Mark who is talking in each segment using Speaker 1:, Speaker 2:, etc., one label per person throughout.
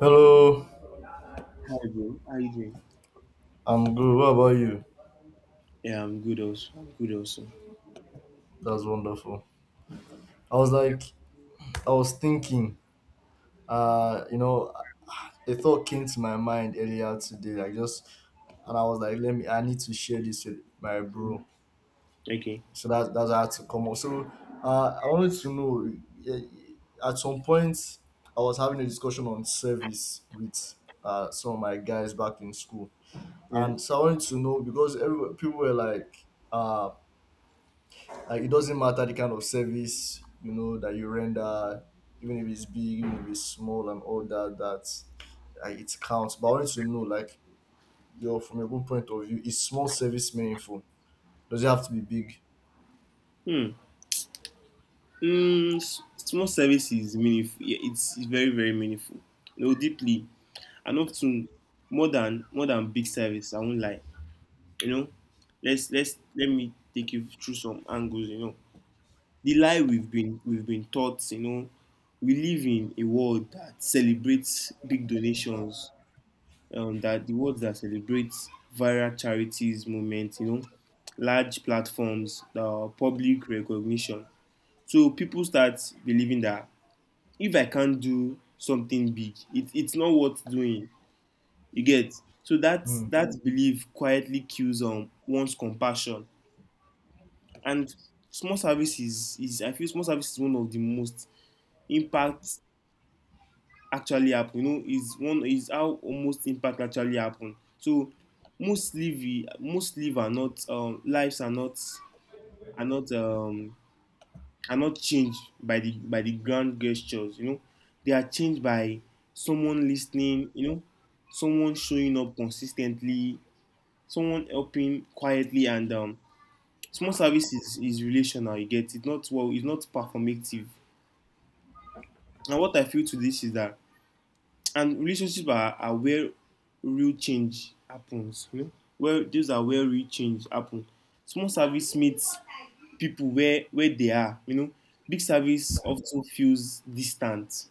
Speaker 1: Hello,
Speaker 2: Hi, bro. How you doing?
Speaker 1: I'm good. What about you?
Speaker 2: Yeah, I'm good also.
Speaker 1: That's wonderful. I was like, I was thinking, you know, a thought came to my mind earlier today, like just, and I was like, I need to share this with my
Speaker 2: Mm,
Speaker 1: bro.
Speaker 2: okay.
Speaker 1: That's how I had to come up. I wanted to know, eh, at some point, I was having a discussion on service with some of my guys back in school.
Speaker 2: Yeah.
Speaker 1: And so I wanted to know because people were like, uh, like it doesn't matter the kind of service you know that you render, even if it's big, even if it's small, and all that. It counts. But I want to know, like, your from your own point of view, is small service meaningful? Does it have to be big?
Speaker 2: Hmm. Small service is meaningful. Yeah, it's very very meaningful. You know, deeply and often more than big service. I won't lie. You know, let me take you through some angles. You know, the lie we've been taught. You know, we live in a world that celebrates big donations, that the world that celebrates viral charities movement, you know, large platforms, public recognition. So people start believing that if I can't do something big, it's not worth doing. You get so that
Speaker 1: Hmm.
Speaker 2: that belief quietly kills one's compassion, and small services is I feel small service is one of the most impact actually happen. You know, is one is how almost impact actually happen. So most live most live are not lives are not are not um, are not changed by the grand gestures. You know, they are changed by someone listening. You know, someone showing up consistently, someone helping quietly, and small service is relational. You get it not well. It's not performative. And what I feel to this is that and relationships are where real change happens. You know, where those are where real change happens. Small service meets people where they are. You know, big service often feels distant,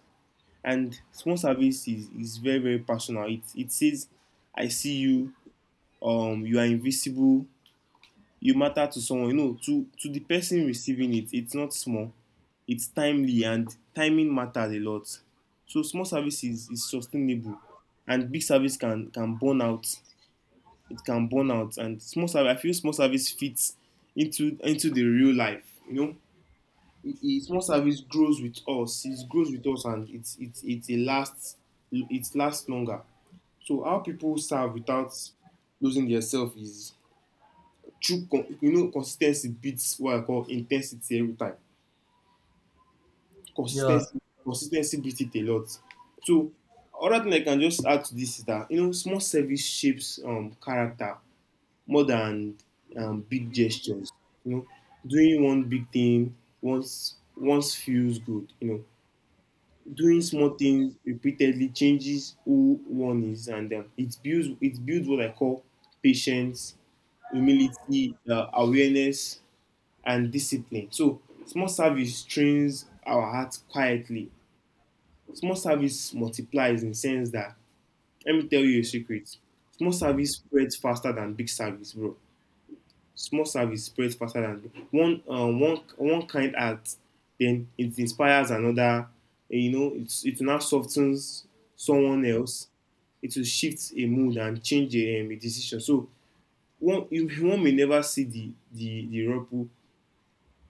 Speaker 2: and small service is very very personal. It says, "I see you," "You are invisible," you matter to someone, you know, to the person receiving it. It's not small, it's timely, and timing matters a lot. So small service is sustainable, and big service can burn out. And small service, I feel small service fits into the real life. You know, small service grows with us. And it lasts. It lasts longer. So how people serve without losing their self is true. Consistency beats what I call intensity every time.
Speaker 1: Yeah.
Speaker 2: Consistency consistency beats it a lot. So other thing I can just add to this is that, you know, small service shapes character more than big gestures. You know, doing one big thing once feels good. You know, doing small things repeatedly changes who one is, and it builds, it builds what I call patience, humility, awareness, and discipline. So, small service trains our hearts quietly. Small service multiplies in the sense that let me tell you a secret. Small service spreads faster than big service, bro. Small service spreads faster than one, one kind act, then it inspires another. You know, it's it now softens someone else. It will shift a mood and change a decision. So one may never see the ripple,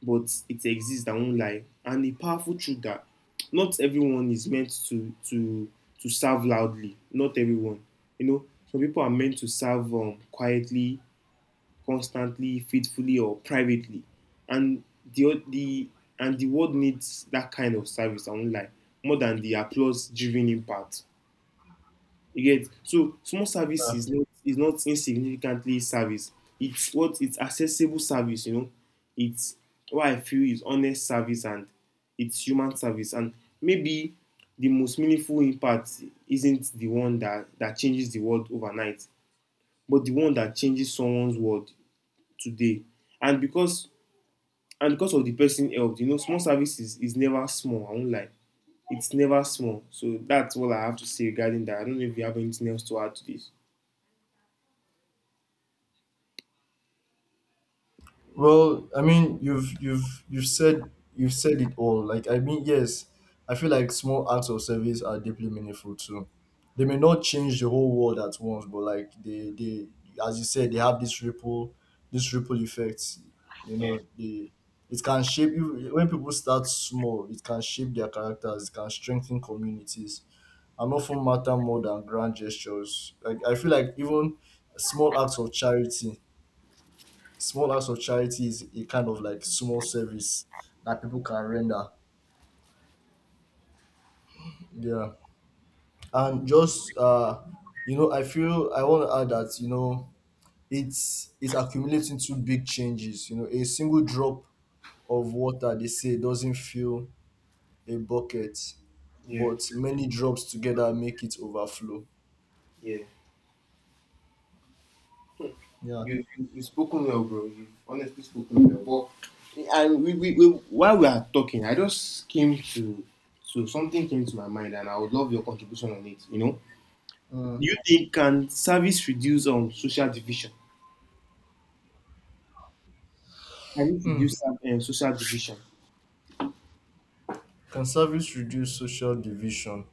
Speaker 2: but it exists. I won't lie, and a powerful truth that not everyone is meant to serve loudly. Not everyone, you know. Some people are meant to serve quietly, constantly, faithfully, or privately, and the and the world needs that kind of service. I won't lie, more than the applause-driven impact. You get so small service is not, is not insignificantly service. It's what it's accessible service, you know. It's what I feel is honest service, and it's human service. And maybe the most meaningful impact isn't the one that changes the world overnight, but the one that changes someone's world today. And because and because of the person helped, you know, small service is never small, I won't lie. It's never small. So that's all I have to say regarding that. I don't know if you have anything else to add to this.
Speaker 1: Well, I mean, you've said it all. Like, I mean, yes, I feel like small acts of service are deeply meaningful too. They may not change the whole world at once, but like they as you said, they have this ripple effect. You know, they it can shape you when people start small. It can shape their characters. It can strengthen communities and often matter more than grand gestures. Like I feel like even small acts of charity small acts of charity is a kind of like small service that people can render. Yeah. And I feel I want to add that, you know, it's accumulating to big changes. You know, a single drop of water they say doesn't fill a bucket,
Speaker 2: Yeah,
Speaker 1: but many drops together make it overflow.
Speaker 2: yeah.
Speaker 1: Yeah.
Speaker 2: You you've spoken well, bro. You've honestly spoken well. But and we while we are talking, I just came to so something came to my mind, and I would love your contribution on it. You know, do
Speaker 1: Mm.
Speaker 2: you think can service reduce social division? Can it
Speaker 1: Hmm.
Speaker 2: reduce social division?
Speaker 1: Can service reduce social division?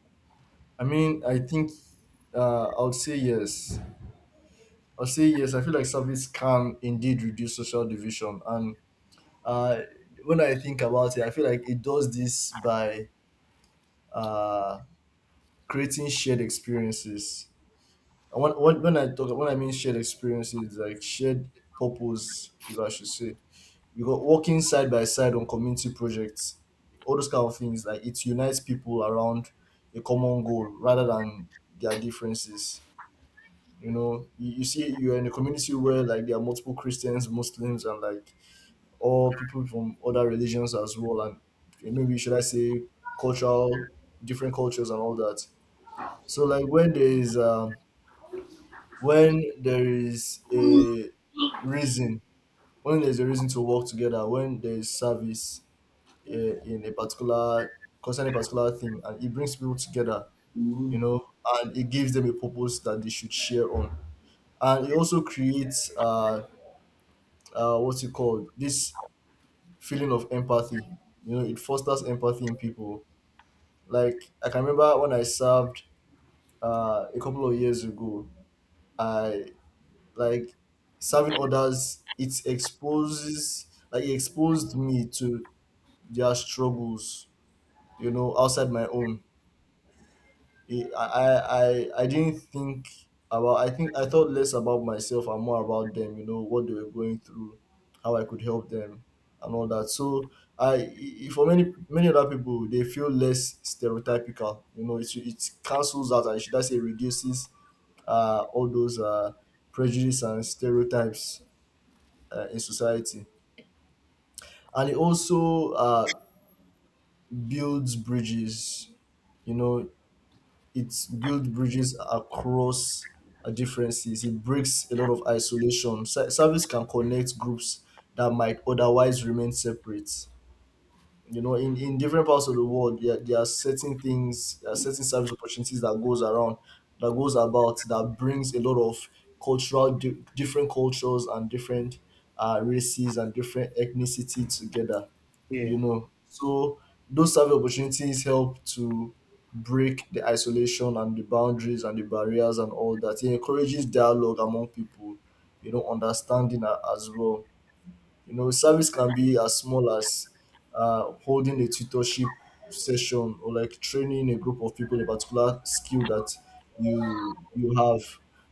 Speaker 1: I mean, I think I would say yes. I'll say yes. I feel like service can indeed reduce social division, and uh, when I think about it, I feel like it does this by uh, creating shared experiences. And when I mean shared experiences, like shared purpose, if I should say, you got working side by side on community projects, all those kind of things. Like it unites people around a common goal rather than their differences. You know, you see, you're in a community where like there are multiple Christians, Muslims, and like all people from other religions as well, and yeah, maybe should I say cultural, different cultures and all that. So like when there is a reason, when there's a reason to work together, when there is service in a particular concerning a particular thing, and it brings people together, you know, and it gives them a purpose that they should share on. And it also creates, what's it called? This feeling of empathy. You know, it fosters empathy in people. Like I can remember when I served a couple of years ago. I like serving others. It exposes like it exposed me to their struggles. You know, outside my own. I didn't think about. I thought less about myself and more about them, you know, what they were going through, how I could help them and all that. So for many many other people they feel less stereotypical. You know, it cancels out and should I say reduces all those prejudice and stereotypes in society. And it also builds bridges, you know, it builds bridges across differences. It breaks a lot of isolation. Service can connect groups that might otherwise remain separate. You know, in different parts of the world, there are certain things, there are certain service opportunities that goes around, that goes about, that brings a lot of different cultures and different races and different ethnicity together,
Speaker 2: Yeah,
Speaker 1: you know. So those service opportunities help to break the isolation and the boundaries and the barriers and all that. It encourages dialogue among people, you know, understanding as well. You know, service can be as small as holding a tutorship session or like training a group of people in a particular skill that you have.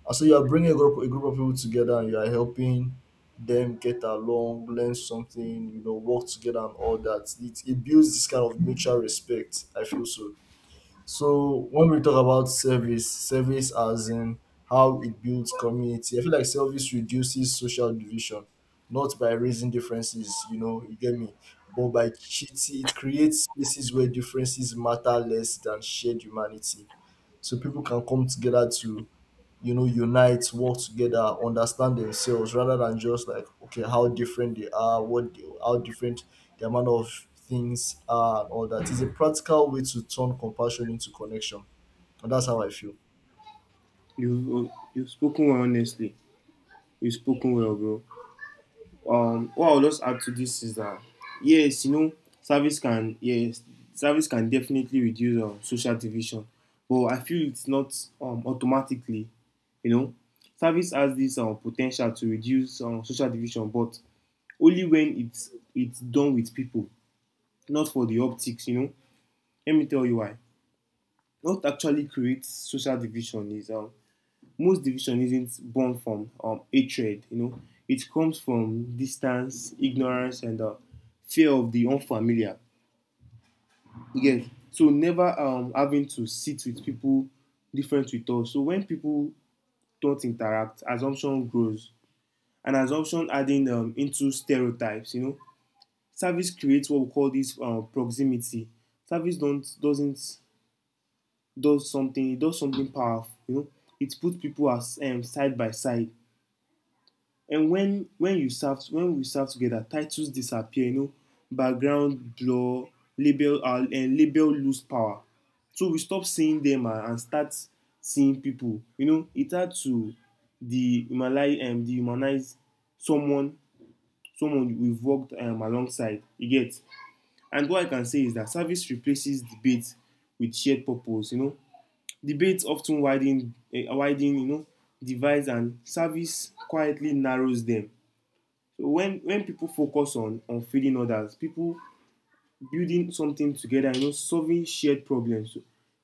Speaker 1: And so you are bringing a group of people together and you are helping them get along, learn something, you know, work together and all that. It builds this kind of mutual respect. I feel so. So when we talk about service, service as in how it builds community, I feel like service reduces social division, not by raising differences, you know, you get me, but by cheating, it creates spaces where differences matter less than shared humanity. So people can come together to, you know, unite, work together, understand themselves rather than just like, okay, how different they are, how different the amount of things are, and all that. It's a practical way to turn compassion into connection. And that's how I feel.
Speaker 2: you've spoken well honestly. You've spoken well, bro. What I'll just add to this is that yes, you know, service can yes, service can definitely reduce social division, but I feel it's not automatically. You know, service has this potential to reduce social division, but only when it's done with people, not for the optics. You know, let me tell you why. What actually creates social division is Most division isn't born from hatred, you know, it comes from distance, ignorance, and fear of the unfamiliar. Again, so never having to sit with people different with us. So when people don't interact, assumption grows, and assumption adding into stereotypes. You know, service creates what we call this proximity. Service don't doesn't does something. It does something powerful. You know, it puts people as side by side. And when you serve when we serve together, titles disappear. You know, background blur, label lose power. So we stop seeing them, and start seeing people. You know, it had to dehumanize, someone, we've worked alongside. You get. And what I can say is that service replaces debate with shared purpose. You know, debates often widen, you know, divides, and service quietly narrows them. So when people focus on feeding others, people, building something together, you know, solving shared problems, so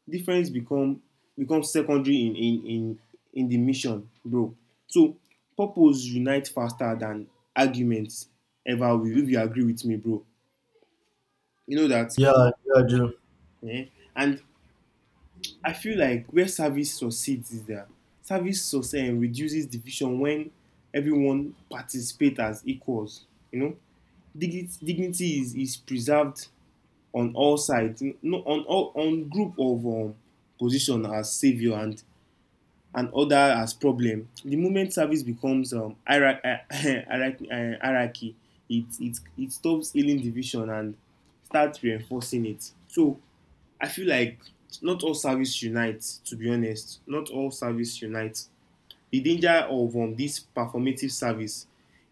Speaker 2: difference become, become secondary in in the mission, bro. So purpose unite faster than arguments ever will, if you agree with me, bro. You know that
Speaker 1: Yeah, yeah, I do.
Speaker 2: eh, and I feel like where service succeeds is that service success, eh, reduces division when everyone participates as equals. You know, dignity is preserved on all sides, no, on all on group of position as savior, and other as problem. The moment service becomes hierarchy, it, it stops healing division and starts reinforcing it. So I feel like not all service unites. To be honest, not all service unites the danger of this performative service,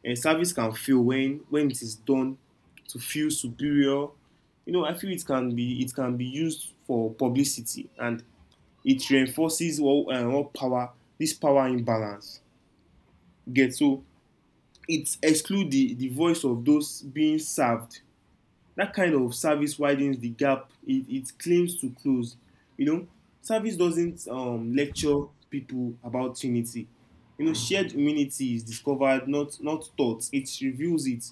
Speaker 2: service can fail when it is done to feel superior. You know, I feel it can be, it can be used for publicity, and it reinforces all, power, this power imbalance. Get so it excludes the voice of those being served. That kind of service widens the gap it, it claims to close. You know, service doesn't lecture people about Trinity. You know, shared humanity is discovered, not taught. It reveals it.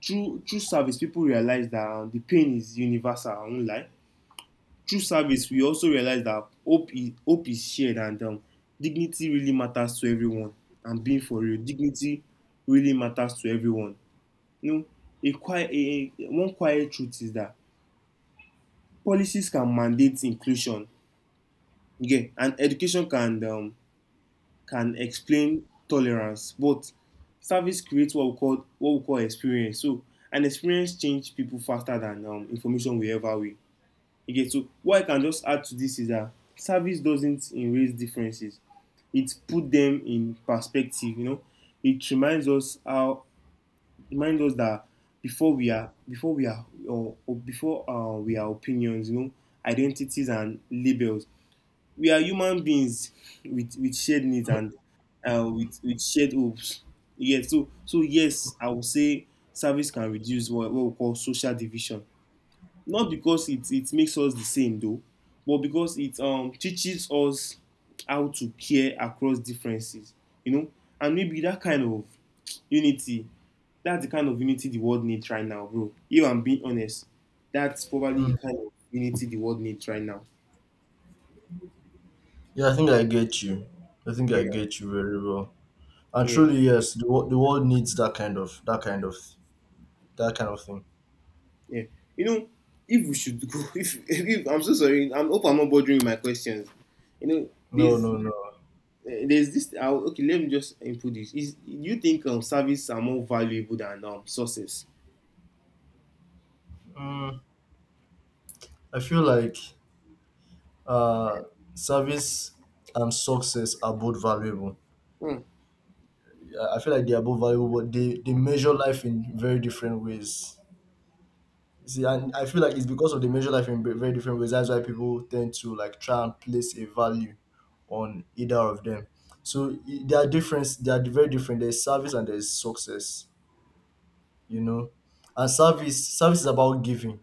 Speaker 2: Through service, people realize that the pain is universal. I won't lie. Through service, we also realize that hope is shared, and dignity really matters to everyone. And being for real, dignity really matters to everyone. You know, a quiet one quiet truth is that policies can mandate inclusion, you, and education can explain tolerance. But service creates what we call experience. So an experience change people faster than information will ever will. You get so what I can just add to this is that service doesn't erase differences. It put them in perspective. You know, it reminds us how, reminds us that before we are or before, we are opinions. You know, identities and labels. We are human beings with shared needs and with shared hopes. Yes, so, so yes, I would say service can reduce what we call social division. Not because it makes us the same though, but because it teaches us how to care across differences. You know, and maybe that kind of unity, that's the kind of unity the world needs right now, bro. If I'm being honest, that's probably the
Speaker 1: Mm.
Speaker 2: kind of unity the world needs right now.
Speaker 1: Yeah, I think I get you. I think
Speaker 2: Yeah,
Speaker 1: I get you very well. And
Speaker 2: yeah.
Speaker 1: truly, yes, the world needs that kind of thing.
Speaker 2: Yeah. You know, if we should go, if I'm so sorry, I hope I'm not bothering my questions. You know,
Speaker 1: No,
Speaker 2: there's
Speaker 1: no, no.
Speaker 2: there's this. I okay, let me just input this. Is, do you think service are more valuable than sources?
Speaker 1: Mm, I feel like uh, service and success are both valuable.
Speaker 2: Hmm.
Speaker 1: I feel like they are both valuable, but they measure life in very different ways. See, and I feel like it's because of they measure life in very different ways. That's why people tend to like try and place a value on either of them. So there are different. They are very different. There's service and there's success. You know, and service is about giving.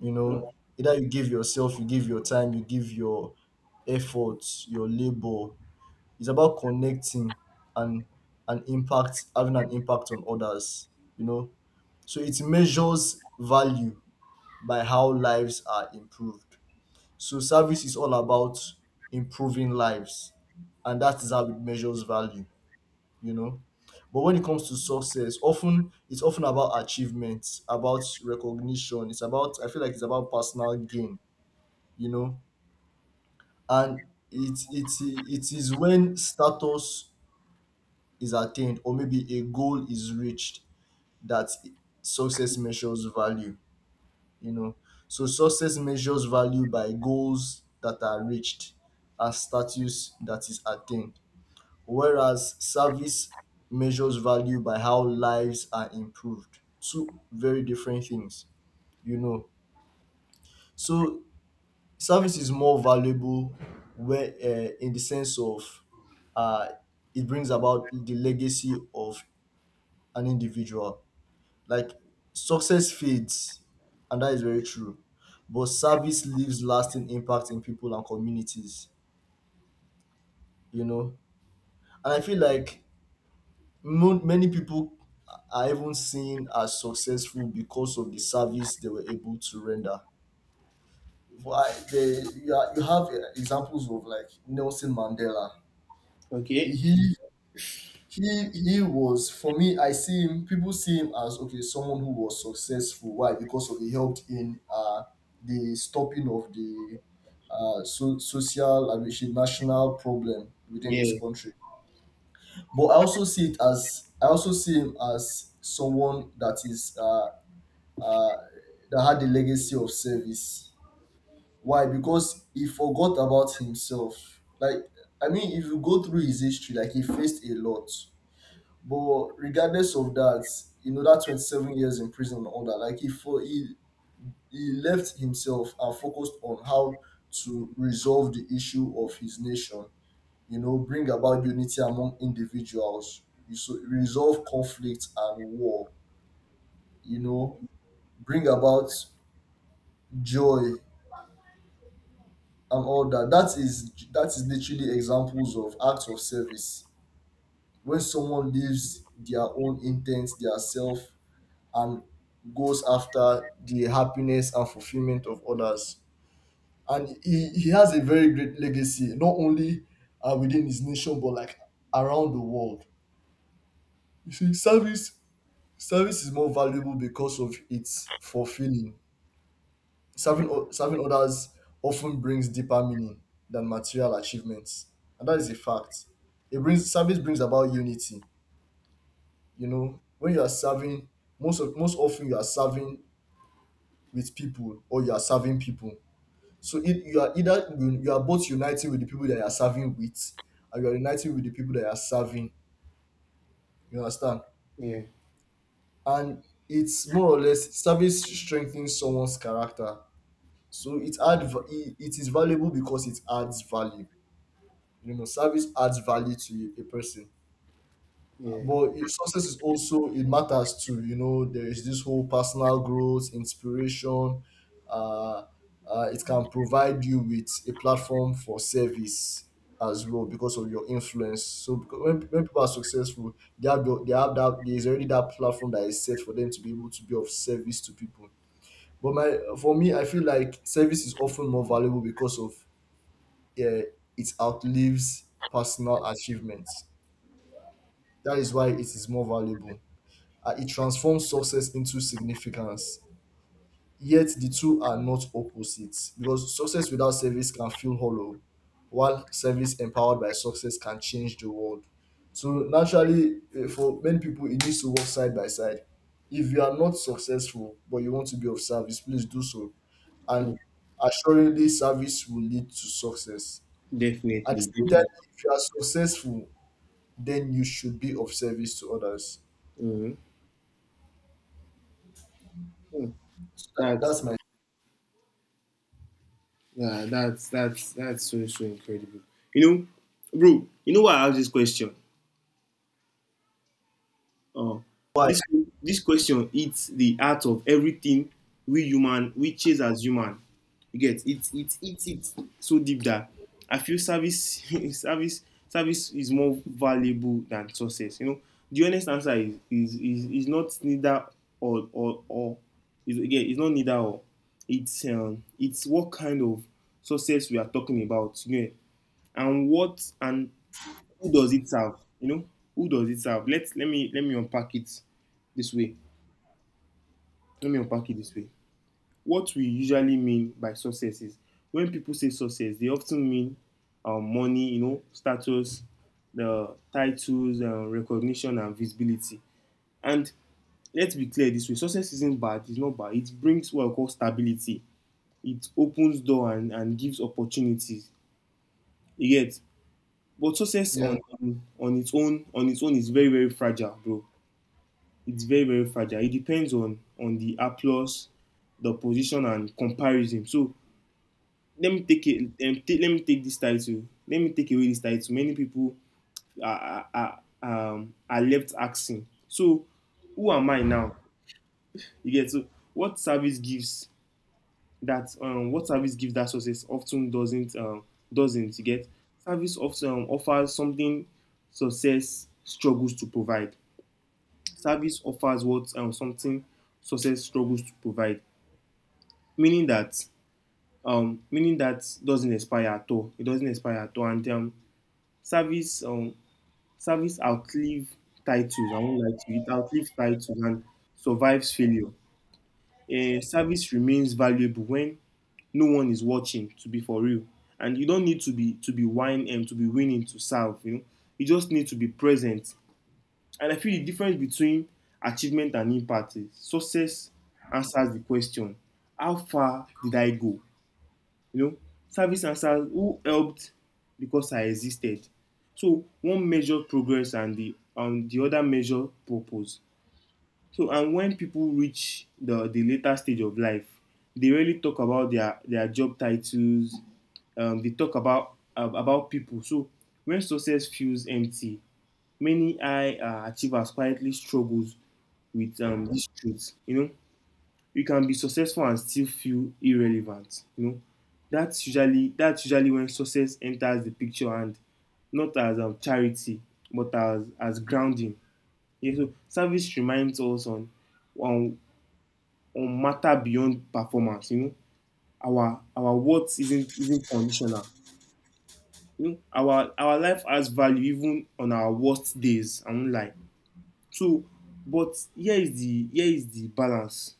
Speaker 1: You know, either you give yourself, you give your time, you give your effort, your labor, it's about connecting and an impact having an impact on others, you know, so it measures value by how lives are improved. So service is all about improving lives and that is how it measures value, you know. But when it comes to success, often it's often about achievements, about recognition, it's about, I feel like it's about personal gain, you know. And it is when status is attained or maybe a goal is reached that success measures value, you know. So success measures value by goals that are reached and status that is attained, whereas service measures value by how lives are improved. Two very different things, you know. So service is more valuable where, in the sense of, uh, it brings about the legacy of an individual. Like success fades, and that is very true, but service leaves lasting impact in people and communities, you know. And I feel like many people are even seen as successful because of the service they were able to render. Why? You have examples of like Nelson Mandela.
Speaker 2: Okay.
Speaker 1: He He he was, for me, I see him, people see him as okay, someone who was successful. Why? Because of he helped in the stopping of the social and which is national problem within his
Speaker 2: Yeah.
Speaker 1: country. But I also see it as, I also see him as someone that is uh that had the legacy of service. Why? Because he forgot about himself. Like, I mean if you go through his history, like he faced a lot, but regardless of that, you know that 27 years in prison and all that, like he for he he left himself and focused on how to resolve the issue of his nation. You know, bring about unity among individuals. You so Resolve conflict and war. You know, bring about joy and all that. That is literally examples of acts of service when someone leaves their own intent, their self and goes after the happiness and fulfillment of others. And he has a very great legacy, not only within his nation, but like around the world. You see, service is more valuable because of its fulfilling. Serving others often brings deeper meaning than material achievements. And that is a fact. It brings Service brings about unity. You know, when you are serving, most of most often you are serving with people or you are serving people. So it, you are either, you are both uniting with the people that you are serving with, and you are uniting with the people that you are serving. You understand?
Speaker 2: Yeah.
Speaker 1: And it's more or less service strengthens someone's character. So it is valuable because it adds value. You know, service adds value to a person.
Speaker 2: Yeah.
Speaker 1: But success is also, it matters too. You know, there is this whole personal growth, inspiration. Uh, it can provide you with a platform for service as well because of your influence. So because when people are successful, they have the, they have that there is already that platform that is set for them to be able to be of service to people. But my for me, I feel like service is often more valuable because of uh, it outlives personal achievements. That is why it is more valuable, and it transforms success into significance. Yet the two are not opposites because success without service can feel hollow, while service empowered by success can change the world. So naturally, for many people, it needs to work side by side. If you are not successful but you want to be of service, please do so. And
Speaker 2: Mm.
Speaker 1: assuredly, service will lead to success. At the
Speaker 2: Definitely.
Speaker 1: same time,
Speaker 2: Definitely.
Speaker 1: if you are successful, then you should be of service to others.
Speaker 2: Mm. Mm.
Speaker 1: Tha-
Speaker 2: That's
Speaker 1: That's my
Speaker 2: yeah. That's that's so so incredible. You know, bro. You know why I asked this question? Uh,
Speaker 1: why.
Speaker 2: this this question hits the heart of everything we chase as human. You get it so deep that I feel service, service service is more valuable than success. You know, the honest answer is is not neither or is again it's not neither or. It's what kind of success we are talking about. You know, and what and who does it serve? You know, who does it serve? Let me unpack it this way. Let me unpack it this way. What we usually mean by success is when people say success, they often mean money, you know, status, the titles, recognition, and visibility. And let's be clear this way: success isn't bad. It's not bad. It brings what I call stability. It opens door and gives opportunities. Yet, but success on
Speaker 1: Yeah.
Speaker 2: on its own on its own is very very fragile, bro. It's very very fragile. It depends on the applause, the position, and comparison. So let me take it. Let me take this title. Let me take away this title. Many people are left asking. So who am I now? You get so what service gives what service gives that success often doesn't. You get service often offers something success struggles to provide. Service offers what something success struggles to provide. Meaning that doesn't expire at all. It doesn't expire at all, and service um, service outlive titles. I won't lie to you. It outlives titles and survives failure. A service remains valuable when no one is watching. To be for real, and you don't need to be wine and to be winning to serve. You know, you just need to be present. And I feel the difference between achievement and impact is success answers the question, how far did I go? You know, service answers who helped because I existed. So one measured progress and the other measured purpose. So and when people reach the later stage of life, they really talk about their job titles. They talk about about people. So when success feels empty, many high achievers quietly struggles with these truths. You know, you can be successful and still feel irrelevant. You know, that's usually when success enters the picture, and not as charity but as grounding. Yeah, so service reminds us on on matter beyond performance. You know, our worth isn't conditional. You know, our life has value even on our worst days. I won't lie. So but here is the balance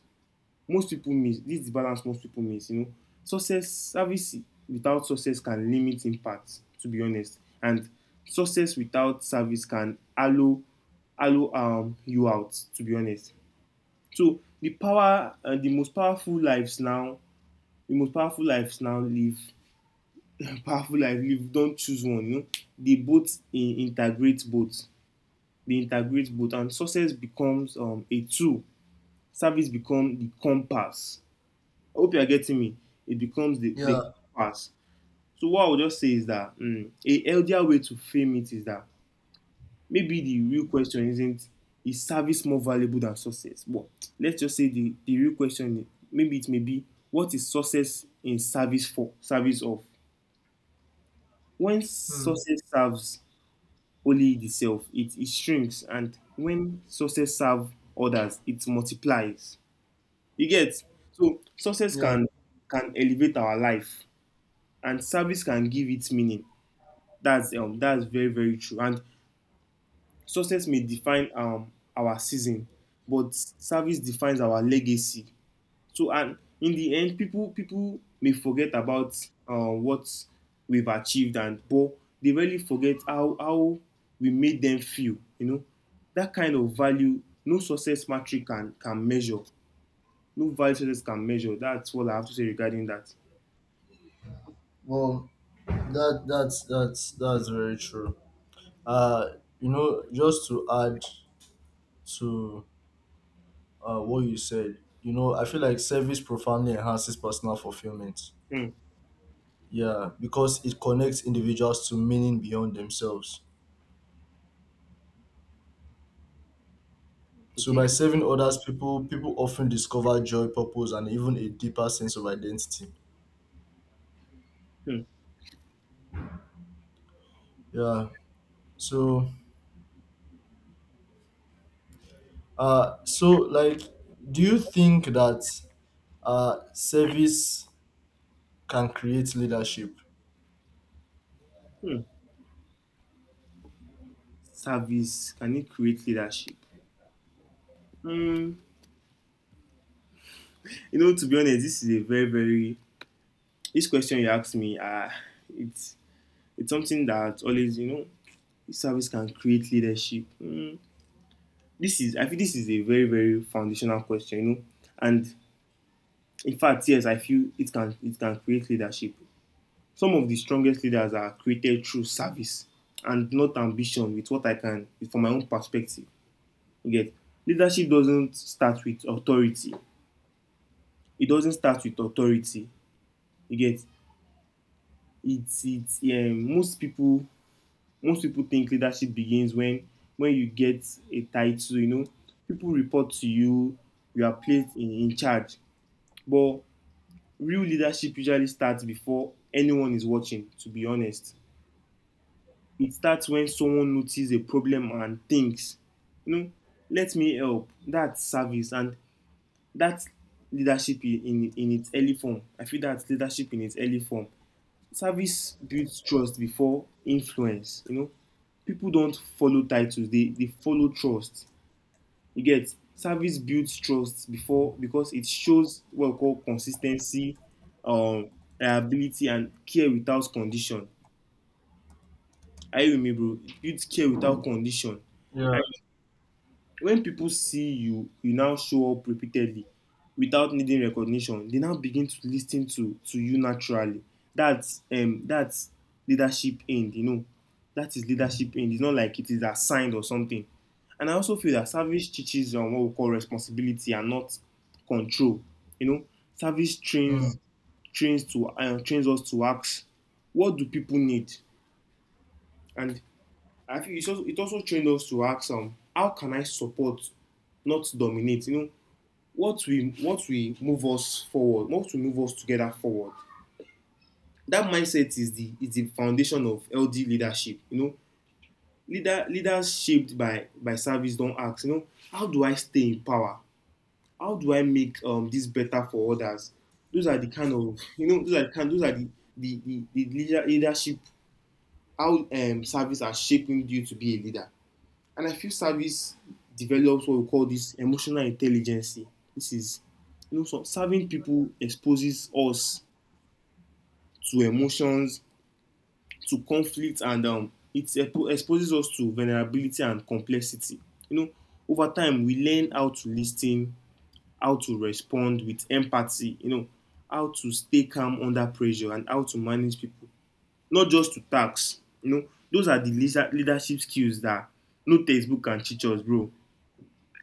Speaker 2: most people miss. You know, success, service without success can limit impact, to be honest, and success without service can hollow you out, to be honest. So the most powerful lives now, the most powerful lives now live powerful life live don't choose one. You know, integrate both. They integrate both, and success becomes a tool, service become the compass. I hope you are getting me. It becomes the
Speaker 1: Yeah.
Speaker 2: compass. So what I would just say is that a healthier way to frame it is that maybe the real question isn't is service more valuable than success? But let's just say the real question, may be what is success in service for service of? When
Speaker 1: Hmm.
Speaker 2: success serves only itself, it shrinks, and when success serves others, it multiplies. You get so success
Speaker 1: Yeah.
Speaker 2: can elevate our life and service can give its meaning. That's very very true. And success may define our season, but service defines our legacy. So and in the end, people may forget about what we've achieved, and but they really forget how we made them feel. You know, that kind of value no success metric can measure. No value success can measure. That's what I have to say regarding that.
Speaker 1: Well, that's very true. Uh, you know, just to add to what you said, you know, I feel like service profoundly enhances personal fulfillment.
Speaker 2: Hmm.
Speaker 1: Yeah, because it connects individuals to meaning beyond themselves. So
Speaker 2: Okay.
Speaker 1: by serving others, people often discover joy, purpose, and even a deeper sense of identity.
Speaker 2: Hmm.
Speaker 1: Yeah. So so like, do you think that service can create leadership.
Speaker 2: Hmm. Service can it create leadership? Mm, you know, to be honest, this is a very, very this question you asked me. It's it's something that always, you know, service can create leadership. Mm, this is I feel this is a very, very foundational question. You know, and in fact, yes, I feel it can create leadership. Some of the strongest leaders are created through service and not ambition. With what I can, from my own perspective, you get leadership doesn't start with authority. It doesn't start with authority. You get it's yeah, most people think leadership begins when you get a title, you know, people report to you, you are placed in charge. But real leadership usually starts before anyone is watching, to be honest. It starts when someone notices a problem and thinks, you know, let me help. That's service, and that's leadership in its early form. I feel that's leadership in its early form. Service builds trust before influence. You know, people don't follow titles; they follow trust. You get service builds trust before, because it shows what we call consistency, um, reliability, and care without condition. Are you with me, bro? It builds care without condition,
Speaker 1: Yeah.
Speaker 2: and when people see you, now show up repeatedly without needing recognition, they now begin to listen to you naturally. That's leadership end, you know, that is leadership end. It's not like it is assigned or something. And I also feel that service teaches on what we call responsibility and not control. You know, service trains,
Speaker 1: Mm.
Speaker 2: trains to trains us to ask what do people need, and I think it's also it also trained us to ask, how can I support, not dominate. You know, what we move us forward, what we move us together forward. That mindset is the foundation of LD leadership. You know, leaders shaped by service don't ask. You know, how do I stay in power? How do I make, this better for others? Those are the kind of you know, those are the leadership, how service are shaping you to be a leader. And I feel service develops what we call this emotional intelligence. This is, you know, so serving people exposes us to emotions, to conflict, and it exposes us to vulnerability and complexity. You know, over time, we learn how to listen, how to respond with empathy, you know, how to stay calm under pressure, and how to manage people, not just to tasks. You know, those are the leadership skills that no textbook can teach us, bro.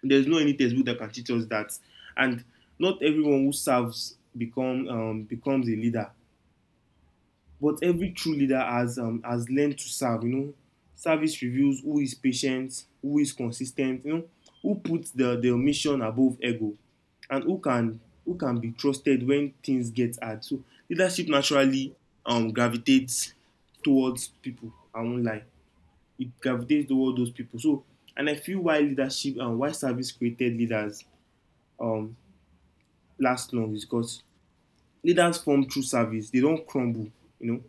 Speaker 2: There's no any textbook that can teach us that. And not everyone who serves become becomes a leader. But every true leader has learned to serve. You know, service reveals who is patient, who is consistent. You know, who puts the mission above ego, and who can be trusted when things get hard. So leadership naturally gravitates towards people. I won't lie, it gravitates towards those people. So, and I feel why leadership and why service created leaders um, last long is because leaders form through service. They don't crumble, you know,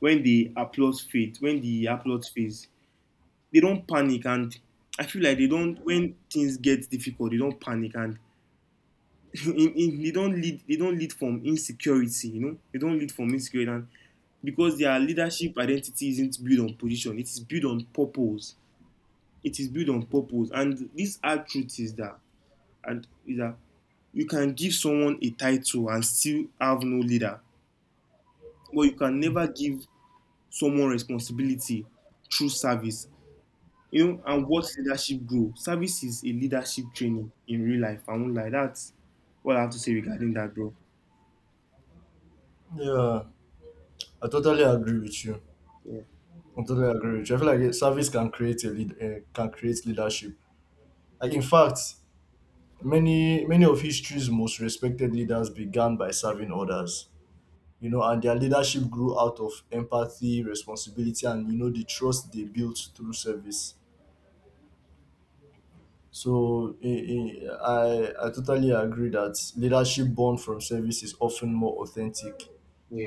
Speaker 2: when the applause fades, when the applause fades, they don't panic. And I feel like they don't, when things get difficult, they don't panic, and they don't lead from insecurity, you know, they don't lead from insecurity. And because their leadership identity isn't built on position, it is built on purpose. It is built on purpose. And this hard truth is that, and is that you can give someone a title and still have no leader, but you can never give someone responsibility through service. You know, and what leadership grow. Service is a leadership training in real life. I won't lie. That's what I have to say regarding that, bro.
Speaker 1: Yeah, I totally agree with you.
Speaker 2: Yeah,
Speaker 1: I totally agree with you. I feel like a service can create a can create leadership. Like in fact, many of history's most respected leaders began by serving others. You know, and their leadership grew out of empathy, responsibility, and you know the trust they built through service. So I totally agree that leadership born from service is often more authentic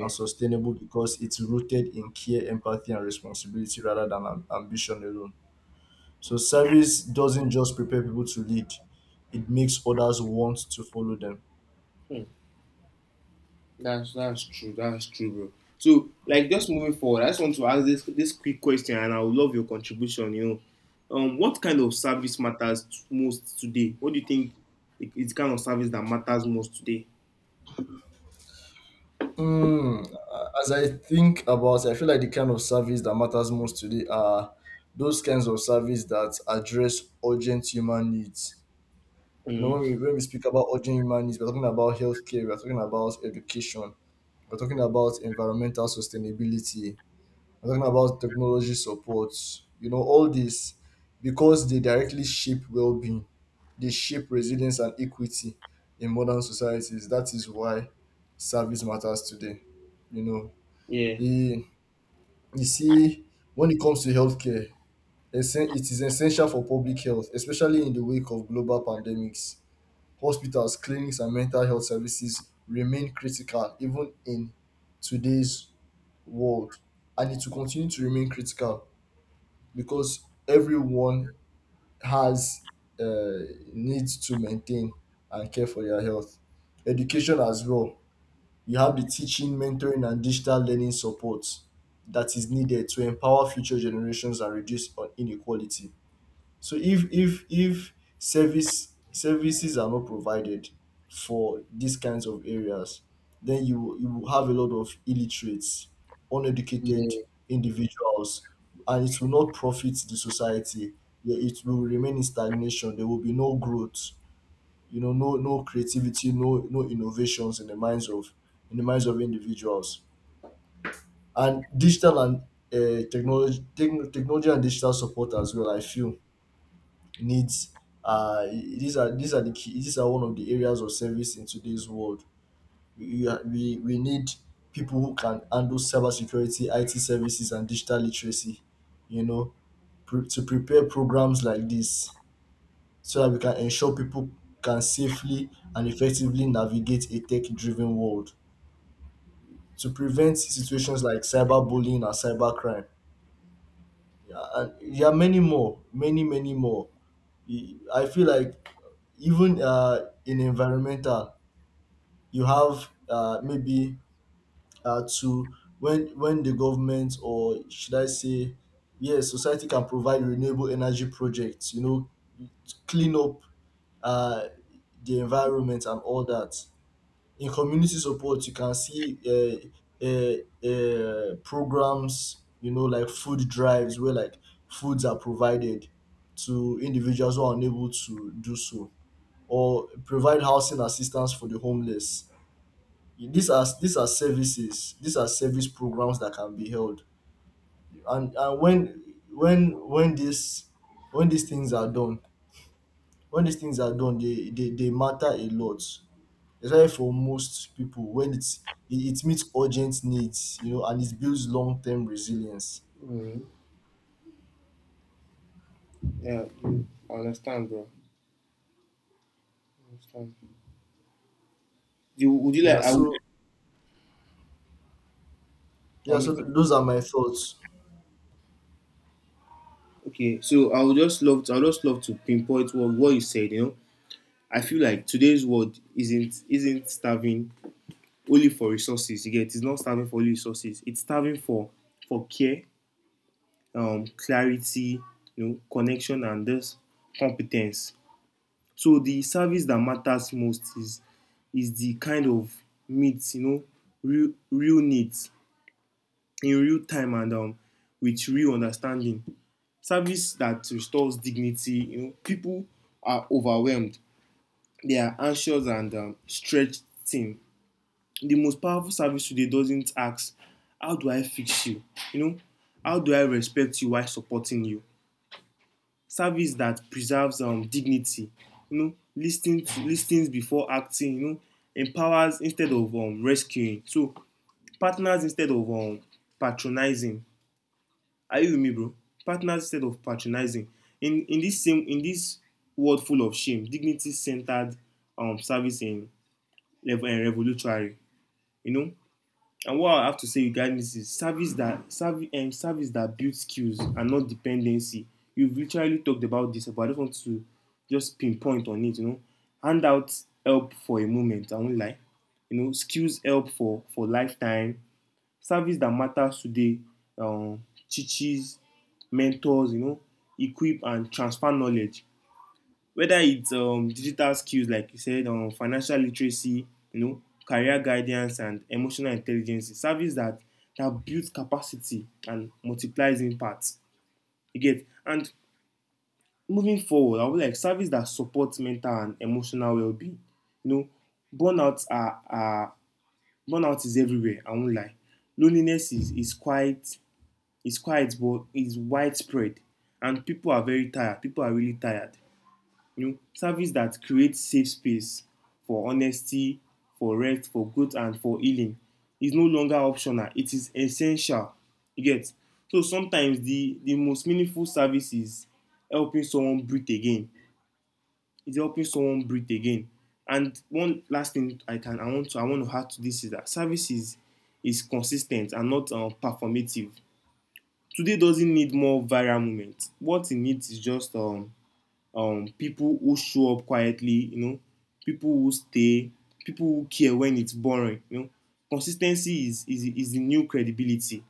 Speaker 1: and sustainable because it's rooted in care, empathy, and responsibility rather than ambition alone. So service doesn't just prepare people to lead; it makes others want to follow them.
Speaker 2: Hmm. That's true. That's true, bro. So, like, just moving forward, I just want to ask this quick question, and I would love your contribution. You know, what kind of service matters most today? What do you think it's kind of service that matters most today?
Speaker 1: Mm, as I think about it, I feel like the kind of service that matters most today are those kinds of service that address urgent human needs. You know,
Speaker 2: Hmm.
Speaker 1: when we speak about urgent human needs, we're talking about healthcare, we're talking about education, we're talking about environmental sustainability, I'm talking about technology support, you know, all this because they directly shape well being, they shape resilience and equity in modern societies. That is why service matters today. You know,
Speaker 2: Yeah.
Speaker 1: you, you see, when it comes to healthcare, it is essential for public health, especially in the wake of global pandemics. Hospitals, clinics, and mental health services remain critical even in today's world, and it will continue to remain critical because everyone has uh, needs to maintain and care for their health. Education as well. You have the teaching, mentoring, and digital learning support that is needed to empower future generations and reduce on inequality. So if service services are not provided for these kinds of areas, then you will have a lot of illiterates, uneducated
Speaker 2: Yeah.
Speaker 1: individuals, and it will not profit the society. Yeah, it will remain in stagnation. There will be no growth. You know, no creativity, no innovations in the minds of individuals. And digital and technology technology and digital support as well. I feel needs are these are the key, these are one of the areas of service in today's world. We need people who can handle cyber security, it services, and digital literacy, you know, to prepare programs like this so that we can ensure people can safely and effectively navigate a tech driven world, to prevent situations like cyberbullying and cybercrime. Yeah, and there are many more. I feel like even in environmental, you have maybe to when the government, or should I say, yes, society, can provide renewable energy projects. You know, to clean up uh, the environment and all that. In community support, you can see programs. You know, like food drives where like foods are provided to individuals who are unable to do so, or provide housing assistance for the homeless. These are services. These are service programs that can be held. And when this, when these things are done, when these things are done, they matter a lot. Especially for most people, when it's it, it meets urgent needs, you know, and it builds long term resilience.
Speaker 2: Mhm. Yeah, you I understand, bro. I understand. You would you like?
Speaker 1: Yeah.
Speaker 2: I would.
Speaker 1: So yeah.
Speaker 2: I'm
Speaker 1: So
Speaker 2: with you.
Speaker 1: those are my thoughts.
Speaker 2: Okay, so I would just love. To, I would just love to pinpoint what you said. You know, I feel like today's world isn't starving only for resources. You get it's not starving for only resources. It's starving for care, clarity, you know, connection, and this competence. So the service that matters most is the kind of needs, you know, real needs in real time and with real understanding. Service that restores dignity. You know, people are overwhelmed. They are anxious and stretched thin. The most powerful service today doesn't ask, "How do I fix you?" You know, how do I respect you while supporting you? Service that preserves dignity. You know, listening to listens before acting. You know, empowers instead of rescuing. So partners instead of patronizing. Are you with me, bro? Partners instead of patronizing. In this world full of shame, dignity centered service in level and revolutionary. You know. And what I have to say regarding this is service that builds skills and not dependency. You've literally talked about this, but I just want to just pinpoint on it. You know, hand out help for a moment. I won't lie. You know, skills help for lifetime. Service dat matters today um teaches, mentors, you know, equip and transfer knowledge. Whether it's digital skills like you said, financial literacy, you know, career guidance and emotional intelligence. It's service dat builds capacity and multiplies impact. You get? And moving forward, I would like service dat support mental and emotional wellbeing. You know, burnout are burnout is everywhere, I won't lie. Loneliness is quite, it's quiet, but it's widespread, and people are very tired. People are really tired. You know, service that creates safe space for honesty, for rest, for growth, and for healing is no longer optional. It is essential. You get. So sometimes the most meaningful service is helping someone breathe again. It's helping someone breathe again. And one last thing I want to add to this is that service is consistent and not performative today doesn't need more viral moments. What it needs is just people who show up quietly, you know, people who stay, people who care when it's boring, you know. Consistency is the new credibility.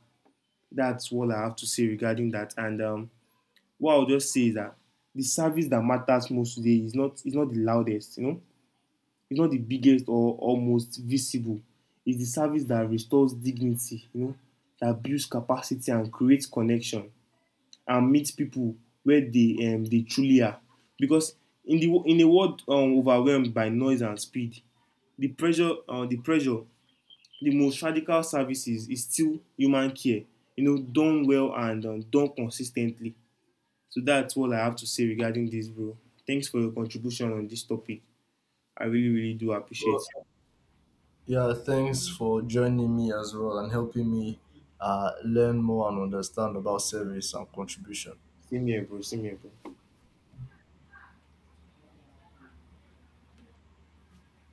Speaker 2: That's what I have to say regarding that. And what I'll just say is that the service that matters most today is not the loudest, you know, it's not the biggest or most visible. It's the service that restores dignity, you know, that builds capacity and creates connection and meet people where they truly are. Because in a world overwhelmed by noise and speed, the pressure the most radical services is still human care. You know, done well and done consistently. So that's all I have to say regarding this, bro. Thanks for your contribution on this topic. I really really do appreciate
Speaker 1: So,
Speaker 2: it.
Speaker 1: yeah, thanks for joining me as well and helping me learn more and understand about service and contribution.
Speaker 2: Same here, bro. Same here, bro.